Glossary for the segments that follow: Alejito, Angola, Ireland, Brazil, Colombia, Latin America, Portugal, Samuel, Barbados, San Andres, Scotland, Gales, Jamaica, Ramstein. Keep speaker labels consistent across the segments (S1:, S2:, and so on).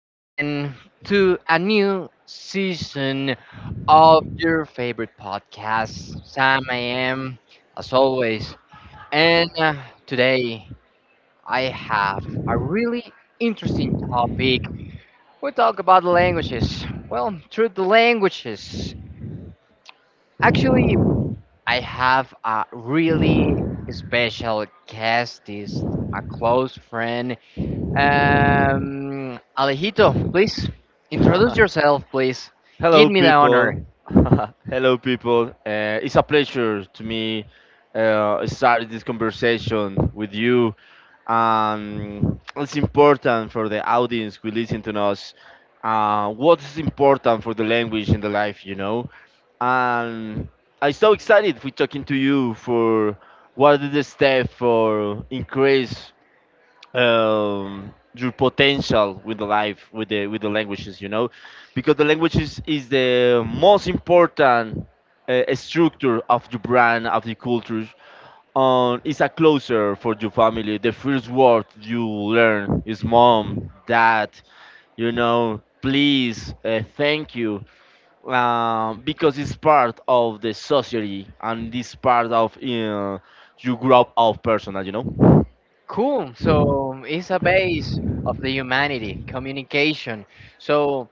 S1: again to a new season of your favorite podcast. Sam, I am, as always. And today I have a really interesting topic. We talk about languages. Well, through the languages. Actually, I have a really special guest, is a close friend. Alejito, please introduce yourself, please. Give
S2: Hello,
S1: me the honor.
S2: people. Hello, people. It's a pleasure to me start this conversation with you. It's important for the audience who listen to us. What is important for the language in the life, you know? And I'm so excited for talking to you for what is the step for increase your potential with the life with the languages, you know, because the languages is the most important structure of the brand of the cultures. It's a closer for your family. The first word you learn is mom, dad, you know, please, thank you, because it's part of the society and this part of you grow up of personal, you know.
S1: Cool. So it's a base of the humanity, communication. So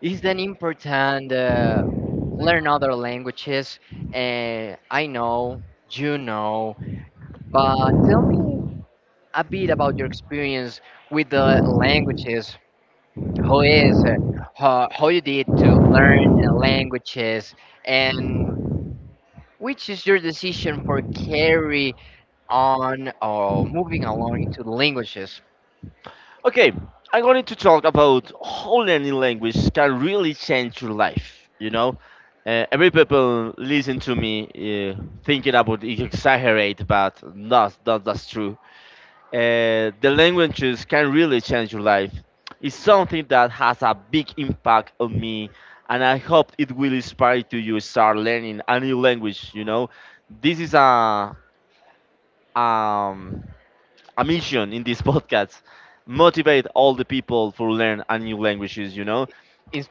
S1: it's then important learn other languages. I know, you know, but tell me a bit about your experience with the languages. How is how you did to learn languages and which is your decision for carry on or moving along into languages,
S2: Okay, I'm going to talk about how learning language can really change your life. You know, every people listen to me thinking about it exaggerate, but not that's true. The languages can really change your life. It's something that has a big impact on me, and I hope it will inspire to you start learning a new language. You know, this is um a mission in this podcast motivate all the people to learn a new languages, you know.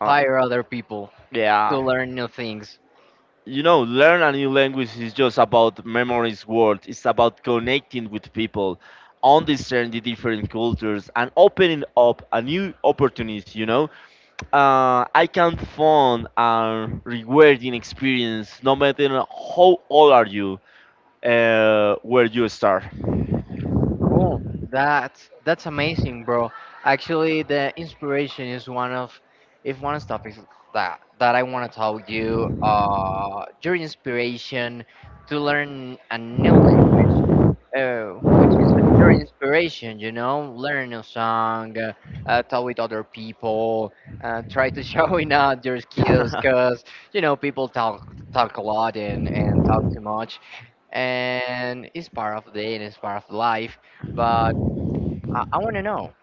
S2: Uh,
S1: other people to
S2: yeah.
S1: learn new things?
S2: You know, learn a new language is just about memories world. It's about connecting with people, understanding the different cultures and opening up a new opportunities, you know. Uh, I can find a rewarding experience no matter how old are you, where you start.
S1: Cool. That's amazing, bro. Actually, the inspiration is one of if one of the topics that I want to tell you. Your inspiration to learn a new language. Oh. Your inspiration, you know, learn a song, talk with other people, try to showing out your skills, cause you know people talk a lot and talk too much, and it's part of the day and it's part of life. But I want to know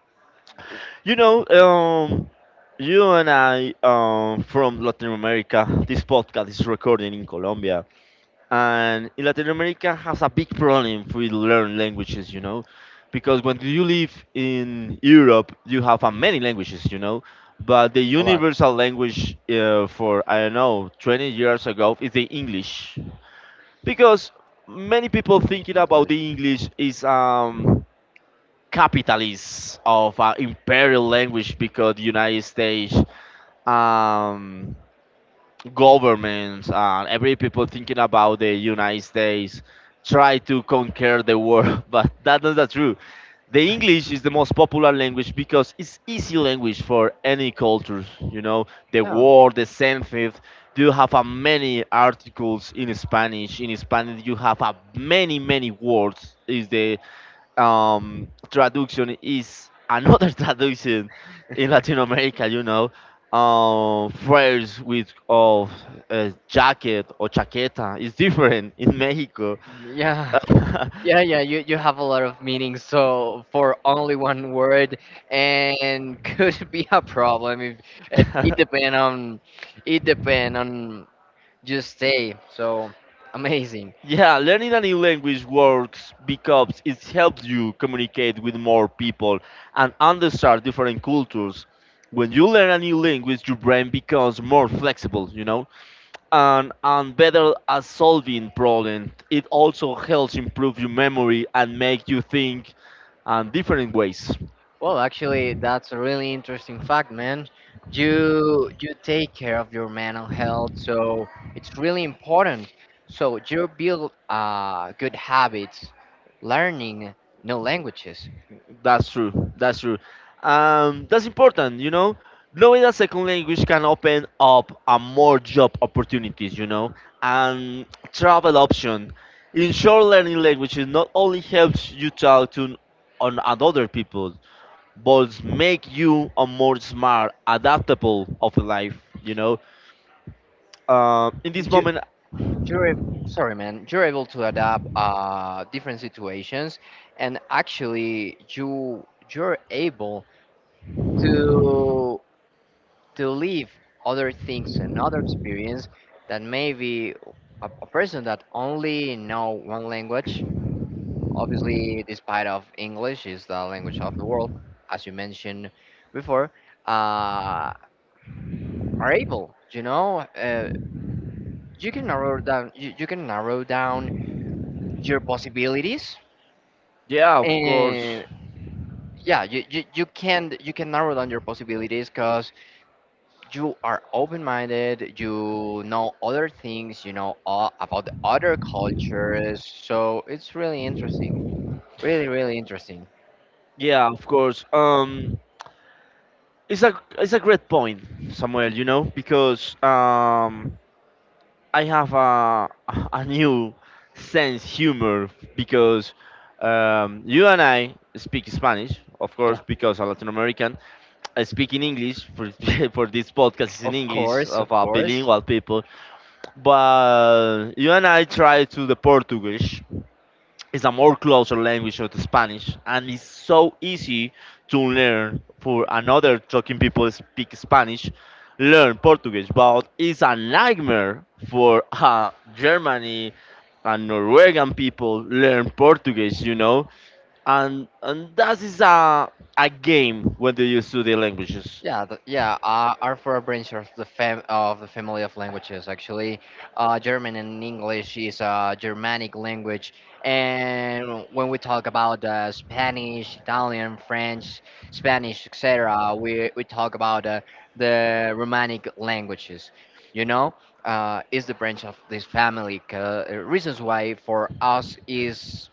S2: You know, you and I, from Latin America, this podcast is recorded in Colombia. And in Latin America has a big problem with learn languages, you know, because when you live in Europe, you have many languages, you know, but the
S1: a lot.
S2: universal language for, I don't know, 20 years ago is the English. Because many people
S1: What's this
S2: thinking
S1: in
S2: about
S1: English?
S2: the English is capitalists of imperial language because the United States um, government and every people thinking about the United States try to conquer the world, but that's not that true. The English is the most popular language because it's easy language for any cultures. You know, the
S1: Yeah,
S2: word, the sentence. You have a many articles in Spanish. In Spanish, you have a many many words. Is the traduction is another traduction in Latin America, you know, phrase with of jacket or chaqueta is different in Mexico.
S1: yeah. Yeah, yeah, you have a lot of meanings, so for only one word, and could be a problem if it, it depend on it depend on you stay. So amazing.
S2: Yeah, learning a new language works because it helps you communicate with more people and understand different cultures. When you learn a new language, your brain becomes more flexible, you know, and better at solving problems. It also helps improve your memory and make you think in different ways.
S1: Well, actually, that's a really interesting fact, man. You take care of your mental health, so it's really important. So you build good habits, learning new languages.
S2: That's true. That's true. That's important, you know. Knowing a second language can open up a more job opportunities, you know, and travel option. In short, learning languages not only helps you talk to on at other people, but make you a more smart, adaptable of life, you know. In this moment,
S1: Sorry man, you're able to adapt different situations, and actually you you're able to to live other things and other experience that maybe a person that only know one language, obviously despite of english is the language of the world, as you mentioned before, uh are able, you know, you can narrow down, you can narrow down your possibilities,
S2: yeah, of course,
S1: and yeah, you can narrow down your possibilities because you are open-minded, you know other things, you know all about the other cultures, so it's really interesting, really really interesting.
S2: yeah, of course. It's a great point, Samuel. You know, because I have a a new sense humor because you and I speak Spanish, of course,
S1: Yeah
S2: because I'm Latin American. I speak in English for for this podcast is in
S1: of
S2: English
S1: course,
S2: of
S1: of
S2: our
S1: course.
S2: bilingual people, but you and I try to the Portuguese is a more closer language of the Spanish and it's so easy to learn for another talking people speak Spanish learn Portuguese, but it's a nightmare for Germany and Norwegian people learn Portuguese, you know. And that is a game when they use two the languages.
S1: Yeah, the, yeah. Are for a branch of the fam of the family of languages. Actually, German and English is a Germanic language, and when we talk about Spanish, Italian, French, Spanish, etc., we talk about the Romanic languages. You know, is the branch of this family. Reasons why for us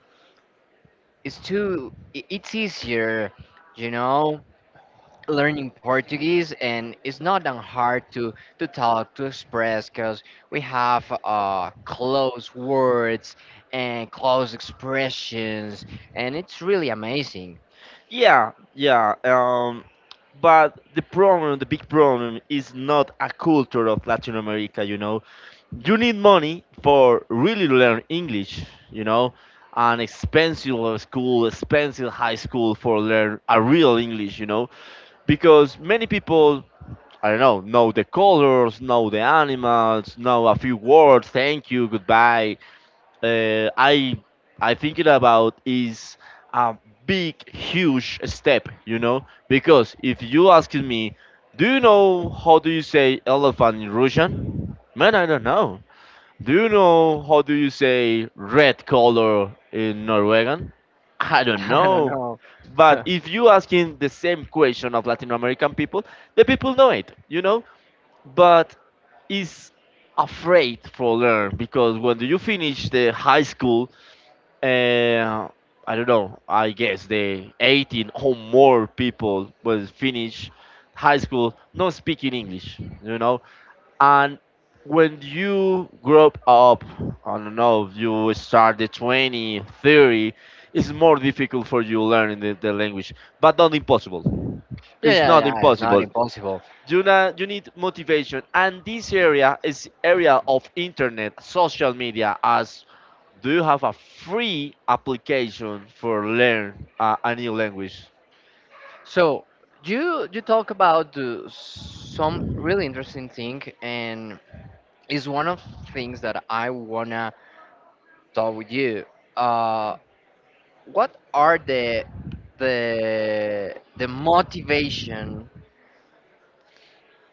S1: is too. It's easier, you know, learning Portuguese, and it's not that hard to talk to express because we have close words and close expressions, and it's really amazing.
S2: Yeah, yeah, but the big problem is not a culture of Latin America, you know. You need money for really to learn English, you know, an expensive school, expensive high school for learn a real English, you know, because many people I don't know the colors, know the animals, know a few words. Thank you, goodbye. Uh, I I thinking about is a big, huge step, you know, because if you asking me, do you know how do you say elephant in Russian? Man, I don't know. Do you know how do you say red color in Norwegian? I don't
S1: Don't I
S2: know.
S1: know.
S2: But if you asking the same question of Latin American people, the people know it, you know? But is afraid for learn because when you finish the high school, uh, I don't know, I guess the 18 or more people will finish high school not speaking English, you know? And when you grow up, I don't know, you start the 20, 30, it's more difficult for you learning the language, but not impossible.
S1: Yeah,
S2: It's
S1: yeah,
S2: not
S1: yeah. It's not
S2: impossible.
S1: impossible.
S2: You need motivation. And this area is area of internet, social media, as do you have a free application for learn a new language?
S1: So you talk about some really interesting thing, and it's one of things that I wanna talk with you. Uh, what are the motivation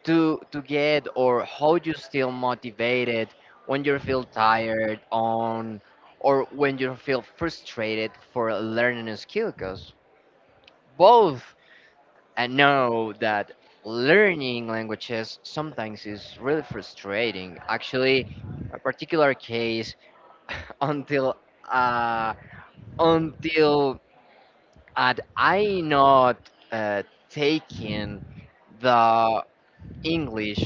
S1: to get or how you still motivated when you feel tired on or when you feel frustrated for learning a skill, because both I know that learning languages sometimes is really frustrating. Actually, a particular case, until uh, until, and I not taking the English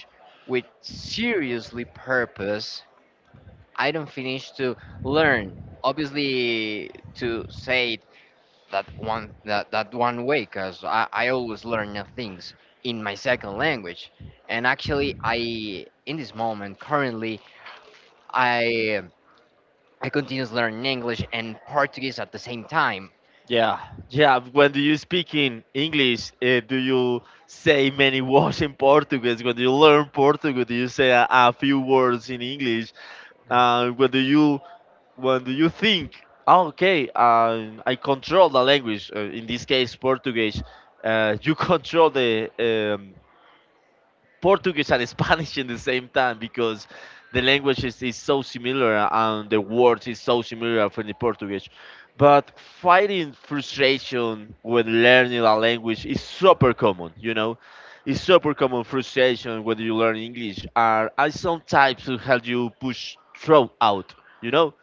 S1: with seriously purpose. I don't finish to learn. Obviously, to say it that one that, that one way, because I always learn new things in my second language. And actually, I in this moment currently I I continues learning English and Portuguese at the same time.
S2: Yeah, yeah. When do you speak in English, do you say many words in Portuguese? When you learn Portuguese, do you say a few words in English? Uh, when do you when do you think? "Oh, okay, I control the language. In this case, Portuguese. You control the um, Portuguese and Spanish in the same time because the language is so similar and the words is so similar for the Portuguese. But fighting frustration when learning a language is super common, you know. It's super common frustration when you learn English are sometimes types to help you push through out, you know.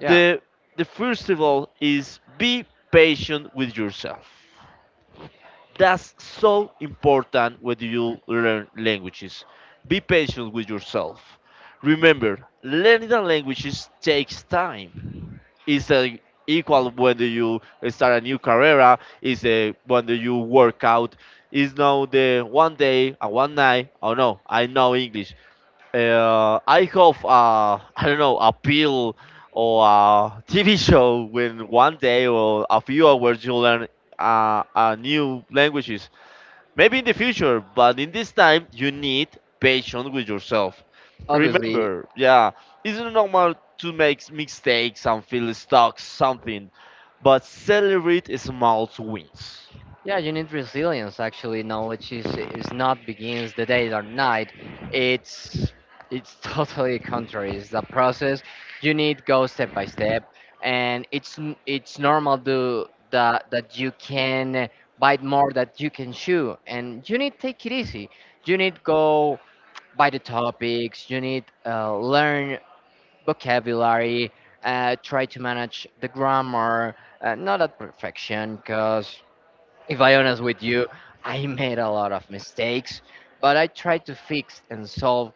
S1: Yeah.
S2: The the first of all is be patient with yourself. That's so important when you learn languages. Be patient with yourself. Remember, learning the languages takes time. It's a equal whether you start a new career, is a whether you work out. It's not the one day or one night. Oh no, I know English. I hope I don't know a pill or a TV show when one day or a few hours you learn a new languages. Maybe in the future, but in this time, you need patience with yourself.
S1: Obviously.
S2: Remember, yeah, it's not normal to make mistakes and feel stuck, something, but celebrate small wins.
S1: Yeah, you need resilience actually. Knowledge is not begins the day or night. It's it's totally contrary. It's a process. You need go step by step, and it's it's normal to that you can bite more that you can chew, and you need take it easy. You need go by the topics. You need learn vocabulary. Try to manage the grammar. Not at perfection, because if I honest with you, I made a lot of mistakes, but I try to fix and solve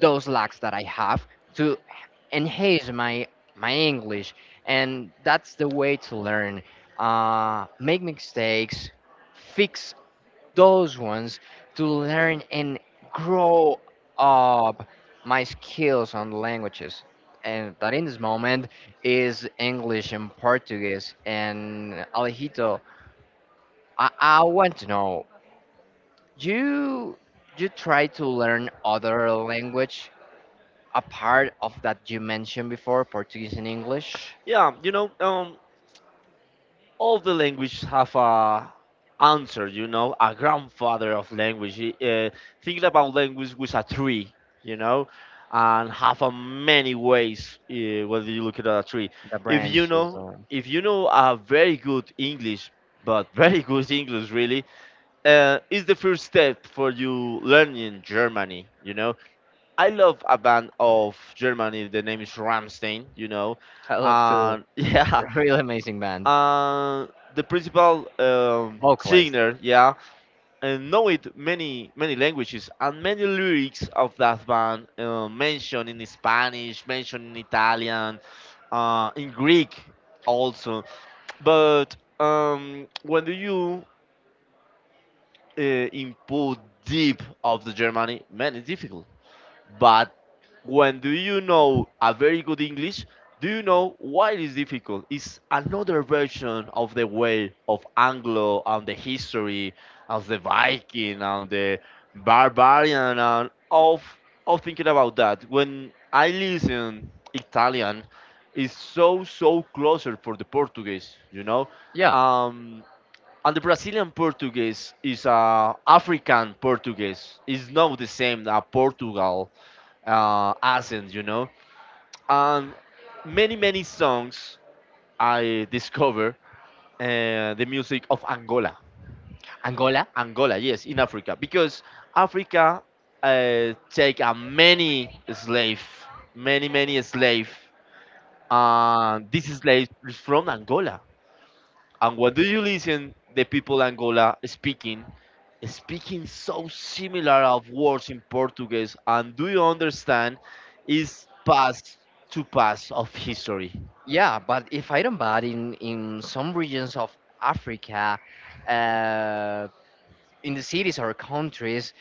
S1: those lacks that I have to enhance my English, and that's the way to learn. Make mistakes, fix those ones to learn and grow up my skills on languages. And that in this moment is English and Portuguese. And Alejito, I want to know you you try to learn other language apart of that you mentioned before, Portuguese and English.
S2: Yeah, you know, all the languages have a answer, you know, a grandfather of language. Think about language with a tree, you know, and have a many ways whether you look at a tree.
S1: The
S2: If you
S1: branches.
S2: know, if you know a very good English, but very good English really, is the first step for you learning Germany. You know, I love a band of Germany. The name is Ramstein. You know,
S1: I love to.
S2: and yeah.
S1: Really amazing band.
S2: uh, the principal
S1: Vocalist.
S2: singer, yeah, and know it many many languages and many lyrics of that band mentioned in Spanish, mentioned in Italian, in Greek also. But when do you input deep of the Germany, man, it's difficult, but when do you know a very good English, do you know why it is difficult? It's another version of the way of Anglo and the history of the Viking and the barbarian and of thinking about that. When I listen Italian it's so so closer for the Portuguese, you know?
S1: Yeah.
S2: Um and the Brazilian Portuguese is African Portuguese. It's not the same as Portugal accents, you know. And many, many songs I discover the music of Angola.
S1: Angola.
S2: Angola, yes, in Africa, because Africa take a many slave, many, many slave. And this slave is from Angola. And what do you listen the people Angola speaking? Speaking so similar of words in Portuguese, and do you understand? Is past to past of history.
S1: Yeah, but if I don't bad in some regions of Africa, uh, in the cities or countries,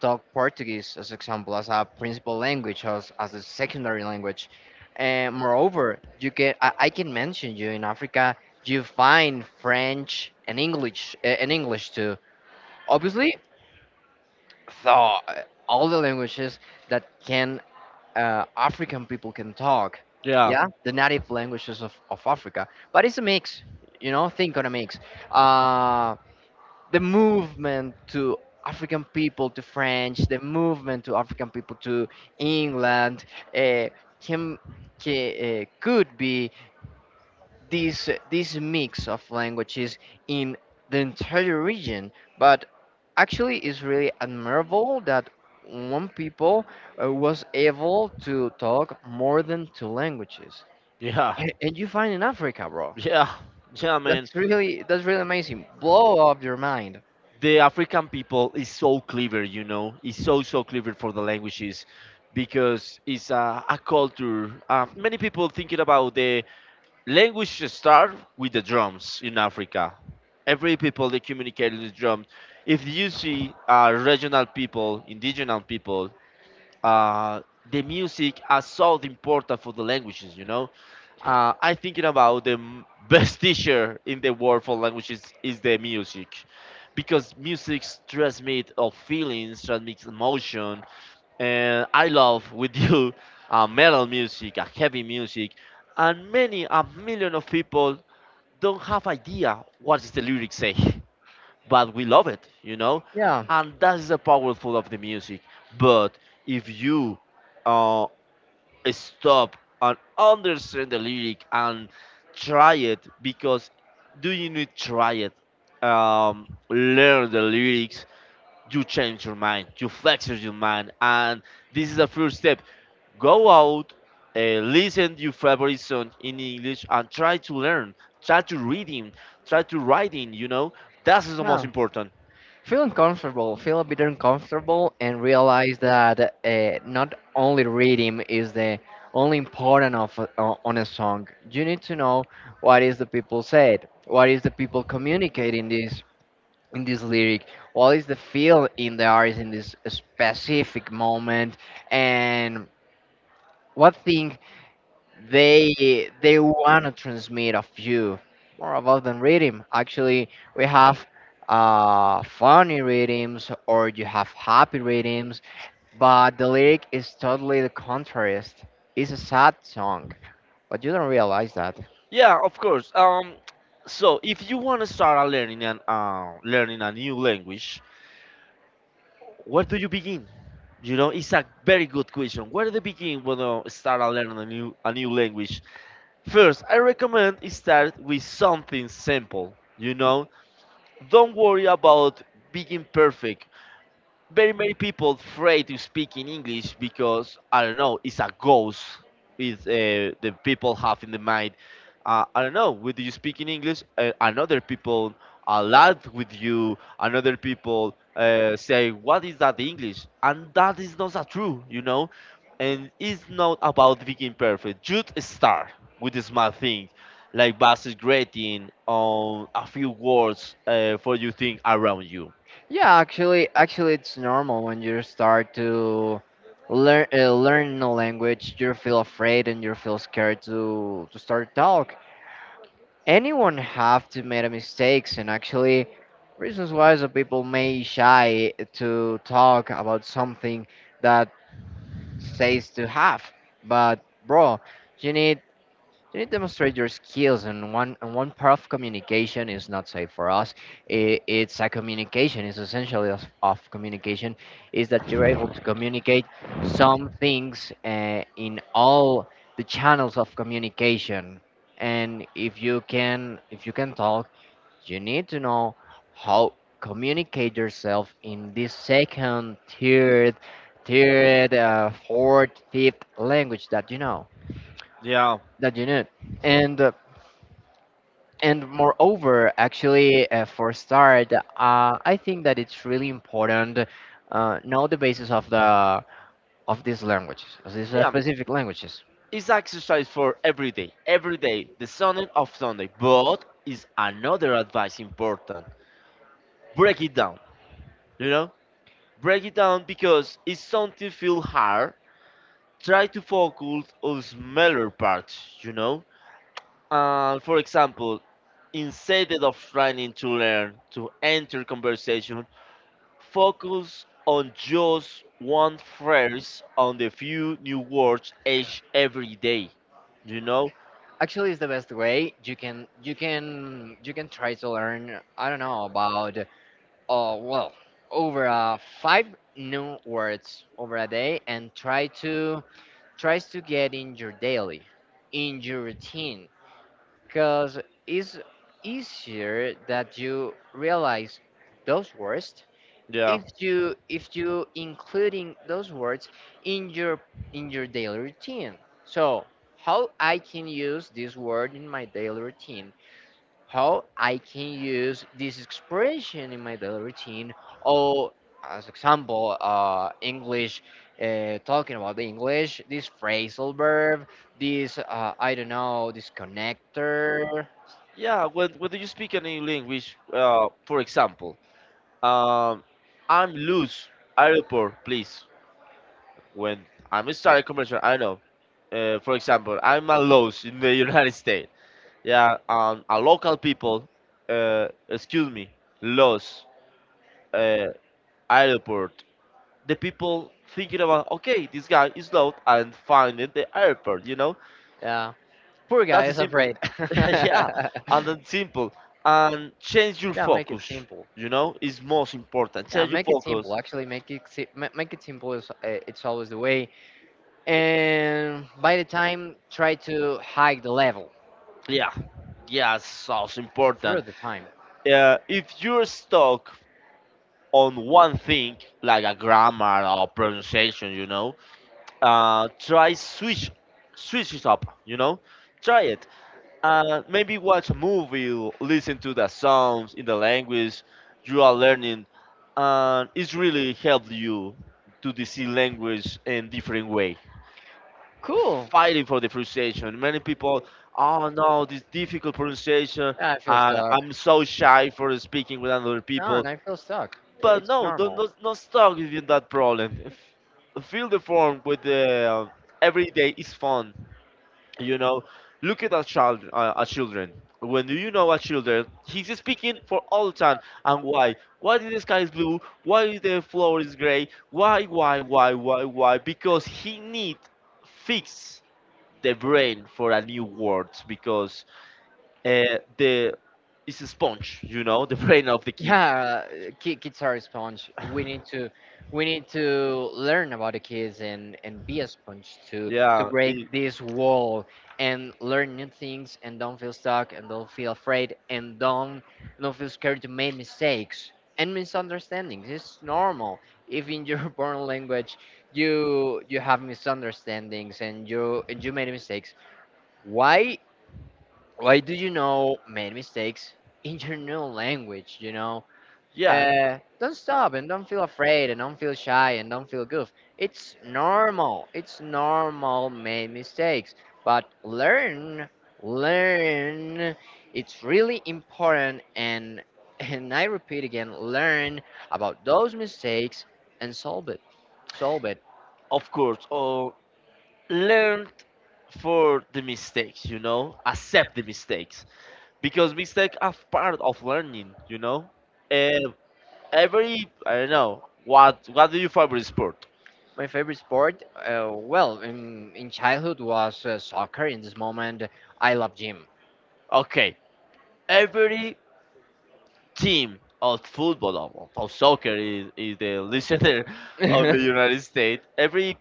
S1: talk Portuguese, as example, as a principal language, as a secondary language. And moreover, you can I can mention you in Africa, you find French and English eh, and English too. Obviously, so all the languages that can African people can talk,
S2: Yeah.
S1: yeah, the native languages of Africa. But it's a mix, you know, think on a mix. Uh, the movement to African people to French, the movement to African people to England, uh, can, could be this mix of languages in the entire region. But actually, it's really admirable that one people was able to talk more than two languages.
S2: Yeah,
S1: A- And you find in Africa, bro.
S2: yeah, yeah, man.
S1: That's really, that's really amazing. Blow up your mind.
S2: The African people is so clever, you know. Is so so clever for the languages because it's a culture. Many people thinking about the language start with the drums in Africa. Every people they communicate with drums. If you see regional people, indigenous people, uh, the music are so important for the languages, you know. I thinking about the best teacher in the world for languages is the music, because music transmits of feelings, transmits emotion, and I love with you metal music, heavy music, and many a million of people don't have idea what is the lyrics say, but we love it, you know,
S1: Yeah,
S2: and that is the powerful of the music. But if you uh, stop and understand the lyric and try it because do you need try it learn the lyrics, you change your mind, you flex your mind, and this is the first step. Go out, listen your favorite song in english and try to learn, try to read him, try to write in that is the most
S1: yeah.
S2: important.
S1: Feel uncomfortable, feel a bit uncomfortable, and realize that not only rhythm is the only important of on a song. You need to know what is the people said, what is the people communicating this in this lyric, what is the feel in the artist in this specific moment, and what thing they want to transmit of you, more about than reading. Actually, we have funny readings or you have happy readings but the lyric is totally the contrast. It's a sad song, but you don't realize that.
S2: Yeah, of course. So if you want to start a learning an learning a new language, where do you begin? You know, it's a very good question. Where do you begin when you start to learn a new language? First, I recommend start with something simple. You know, don't worry about being perfect. Very many people afraid to speak in English because I don't know, it's a ghost. Is the people have in the mind. I don't know. Whether you speak in English, another people are loud with you. Another people say, "What is that English?" And that is not that true, you know. And it's not about being perfect. Just start with the small thing, like basic greeting on a few words for you think around you.
S1: Yeah, actually it's normal when you start to learn learn a language, you feel afraid and you feel scared to start talk. Anyone have to make mistakes, and actually reasons why some people may shy to talk about something that says to have, but bro, you need you need to demonstrate your skills, and one part of communication is not safe for us. It's a communication. It's essentially of communication is that you're able to communicate some things in all the channels of communication. And if you can talk, you need to know how communicate yourself in this second, fourth, fifth language that you know
S2: Yeah.
S1: that you need. And uh, and moreover actually for start I think that it's really important know the basis of the of these languages of these
S2: Yeah,
S1: specific languages.
S2: it's exercise for every day, the Sunday of Sunday. But is another advice important. Break it down, you know? Break it down because if something feel hard, try to focus on smaller parts, you know? And for example, instead of trying to learn to enter conversation, focus on just one phrase on the few new words each every day. You know?
S1: Actually it's the best way. You can you can you can try to learn I don't know about oh well over five new words over a day, and try to tries to get in your daily in your routine, because it's easier that you realize those words
S2: Yeah.
S1: if you including those words in your in your daily routine. So how I can use this word in my daily routine, how I can use this expression in my daily routine, or as example, English, talking about the English, this phrasal verb, this I don't know, this connector.
S2: Yeah, when you speak any language, for example, um, I'm loose, airport, please. When I'm starting commercial, I know. For example, I'm a loose in the United States. Yeah, a local people, excuse me, loose, uh, airport. The people thinking about, okay, this guy is lost and finding the airport, you know?
S1: Yeah, poor guy
S2: That's the
S1: is
S2: simple.
S1: afraid.
S2: Yeah,
S1: Yeah,
S2: and then simple. And change your
S1: make it
S2: focus.
S1: simple.
S2: You know, is most important.
S1: Yeah,
S2: Change your
S1: make it
S2: focus.
S1: simple. Actually, make make it simple is it's always the way. And by the time, try to hike the level.
S2: Yeah, yeah, so it's
S1: Through
S2: important.
S1: the time.
S2: If you're stuck on one thing, like a grammar or pronunciation, you know, uh, try switch, switch it up. You know, try it. Maybe watch a movie, listen to the songs in the language you are learning, and it's really helped you to the see language in different way.
S1: Cool.
S2: Fighting for the pronunciation. Many people, oh no, this difficult pronunciation.
S1: I feel stuck.
S2: I'm so shy for speaking with other
S1: No,
S2: people.
S1: and I feel stuck. I-
S2: But
S1: It's
S2: no, don't
S1: normal.
S2: not, not stuck in that problem. Fill the form with the uh, every day is fun, you know. Look at our child, our children. When you know, our children he's speaking for all time. And why did the sky is blue, why is the floor is gray, why, because he need fix the brain for a new world, because the it's a sponge, you know. The brain of the kid.
S1: Yeah, kids are a sponge. We need to learn about the kids and be a sponge to
S2: yeah it-
S1: break this wall, and learn new things and don't feel stuck and don't feel afraid and don't feel scared to make mistakes and misunderstandings. It's normal. If in your born language you have misunderstandings and you made mistakes, why why do you know made mistakes in your new language? You know,
S2: yeah,
S1: don't stop and don't feel afraid and don't feel shy and don't feel goof. It's normal. It's normal make mistakes, but learn, learn. It's really important, and and I repeat again, learn about those mistakes and solve it. Solve it.
S2: of course. Or learn for the mistakes, you know, accept the mistakes, because mistakes are part of learning, you know. And every I don't know, what do you favorite sport?
S1: My favorite sport, well, in childhood was soccer. In this moment, I love gym.
S2: Okay, every team of football of soccer is the listener of the United States. Every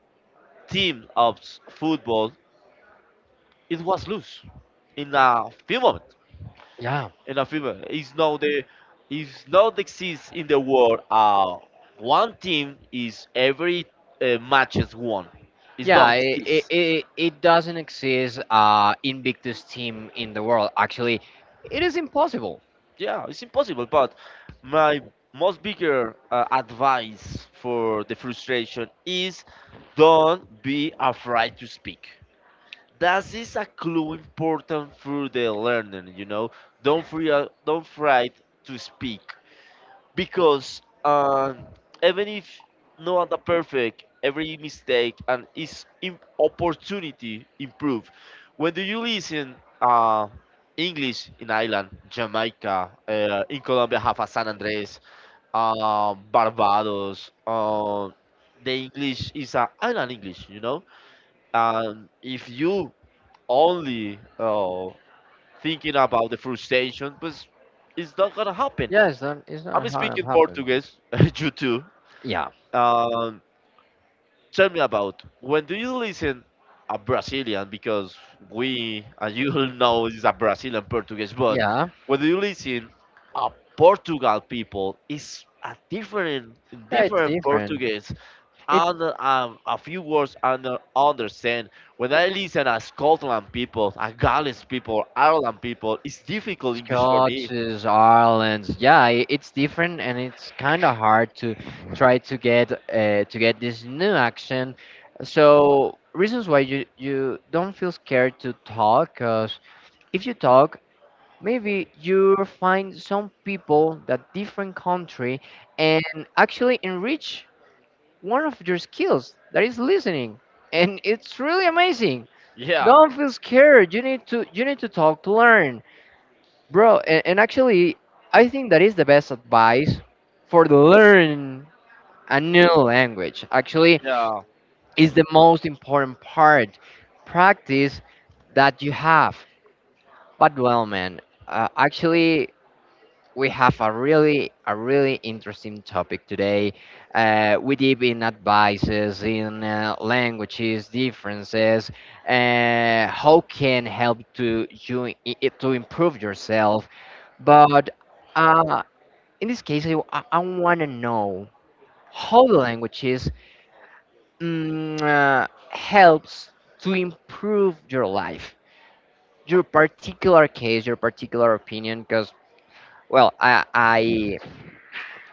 S2: team of football it was loose in a few moments.
S1: Yeah,
S2: In a few moments, it's not the it's not exists in the world. One team is every match is won. It's
S1: yeah,
S2: not
S1: it, it,
S2: exist.
S1: it, it doesn't exist Invictus team in the world. Actually, it is impossible.
S2: Yeah, it's impossible. But my most bigger advice for the frustration is don't be afraid to speak. That is a clue important for the learner. You know, don't fear, don't afraid to speak because even if not the perfect, every mistake and is opportunity improve. When do you listen English in Ireland, Jamaica, in Colombia have a San Andres, Barbados, the English is island English, you know. And if you only thinking about the frustration, but it's not gonna happen.
S1: Yeah, it's not, it's
S2: I'm
S1: not how it
S2: speaking
S1: happens.
S2: Portuguese, you too.
S1: Yeah.
S2: Um, tell me about when do you listen a Brazilian? Because we and you know is a Brazilian Portuguese, but
S1: Yeah.
S2: when you listen a Portugal people is a different
S1: Yeah, it's
S2: different
S1: different.
S2: Portuguese.
S1: It's
S2: And a few words I understand. When I listen a Scotland people, a Gales people, Ireland people, it's difficult English for me.
S1: Scotches, Ireland's, yeah, it's different and it's kind of hard to try to get this new action. So reasons why you you don't feel scared to talk, 'cause if you talk, maybe you find some people that different country, and actually enrich one of your skills that is listening, and it's really amazing.
S2: Yeah.
S1: Don't feel scared. You need to, you need to talk to learn. Bro, and actually, I think that is the best advice for the learn a new language. Actually,
S2: Yeah,
S1: is the most important part practice that you have. But well, man, actually, we have a really, a really interesting topic today. We deep in advices, in languages, differences, how can help to you to improve yourself. But uh, in this case, I want to know how the languages helps to improve your life, your particular case, your particular opinion. Because well,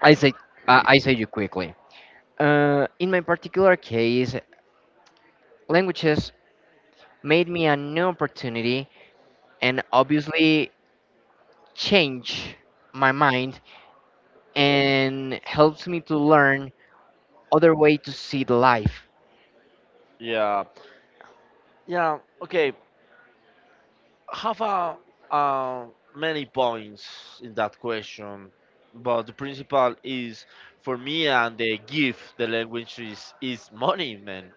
S1: I say I say you quickly. In my particular case, languages made me a new opportunity, and obviously change my mind, and helps me to learn other way to see the life.
S2: yeah. Yeah, okay. Have uh, many points in that question, but the principal is for me and the gift the language is money, man.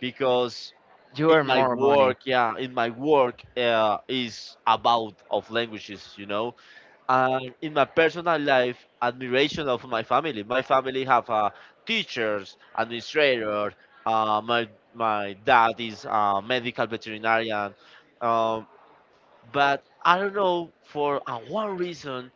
S2: Because
S1: You
S2: in
S1: earn
S2: my
S1: more money.
S2: work, yeah, in my work is about of languages, you know. And in my personal life, admiration of my family. My family have teachers, administrator. Uh, my my dad is a medical veterinarian. Um, but I don't know for one reason,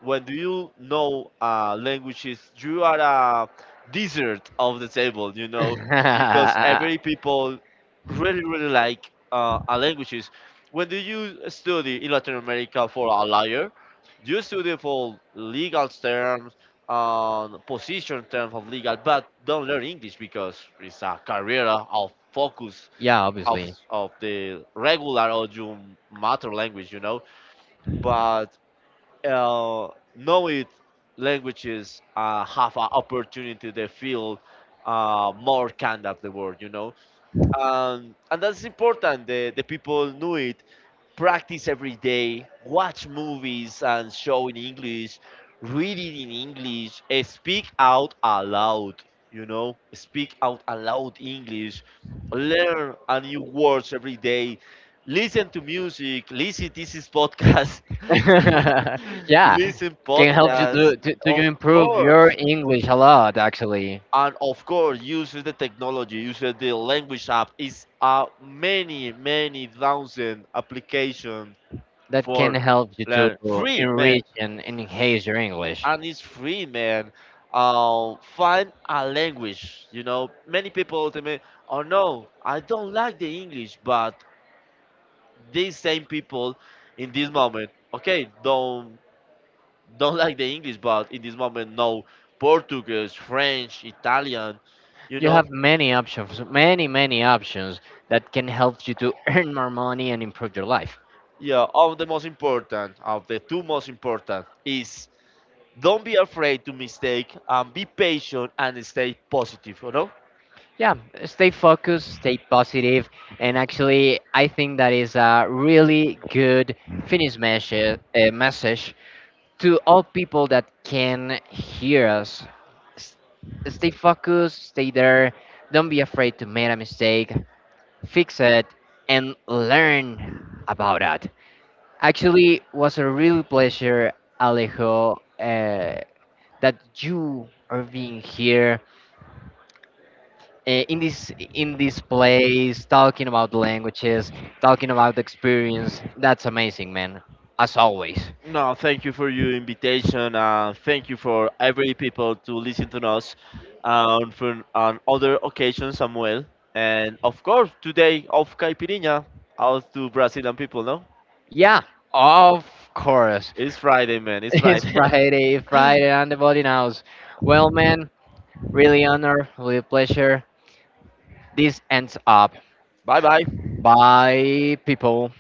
S2: when do you know languages, you are a desert of the table, you know, because
S1: Yeah,
S2: every people really like languages. When do you study in Latin America for a lawyer, you study for legal terms, position terms of legal, but don't learn English because it's a career of focus of
S1: obviously.
S2: of the regular Ojum matter language, you know. But uh, knowing languages have an opportunity to feel more kind of the world, you know. And that's important. The people knew it, practice every day, watch movies and show in English, read it in English, eh, speak out aloud, you know, speak out aloud English, learn a new words every day, listen to music, listen this is podcast,
S1: Yeah,
S2: listen
S1: can help you
S2: podcast,
S1: to
S2: of
S1: improve your
S2: course.
S1: English a lot, actually.
S2: And of course, use the technology, use the language app. Is many thousand applications
S1: That can
S2: for
S1: help you
S2: learn
S1: to
S2: free, man,
S1: enrich and enhance your English.
S2: and it's free, man. Um, find a language, you know, many people ultimately, oh no, I don't like the english, but these same people in this moment, okay, don't like the english, but in this moment know portuguese, french, italian, you
S1: You
S2: know.
S1: have many options, many, many options that can help you to earn more money and improve your life.
S2: Yeah, of the most important, of the two most important is don't be afraid to mistake and be patient and stay positive, you know.
S1: Yeah, stay focused, stay positive, and actually, I think that is a really good Finnish message, to all people that can hear us. S- Stay focused, stay there, don't be afraid to make a mistake, fix it and learn about that. Actually was a real pleasure, Alejo, that you are being here, in this, in this place talking about languages, talking about experience. That's amazing, man, as always.
S2: No, thank you for your invitation. Thank you for every people to listen to us, for on other occasions, Samuel. And of course, today of Caipirinha out to Brazilian people, no?
S1: Yeah, of course.
S2: It's Friday, man. It's
S1: It's
S2: Friday.
S1: Friday, Friday on the body knows. Well, man, really honor, really pleasure. This ends up.
S2: Bye bye.
S1: Bye, people.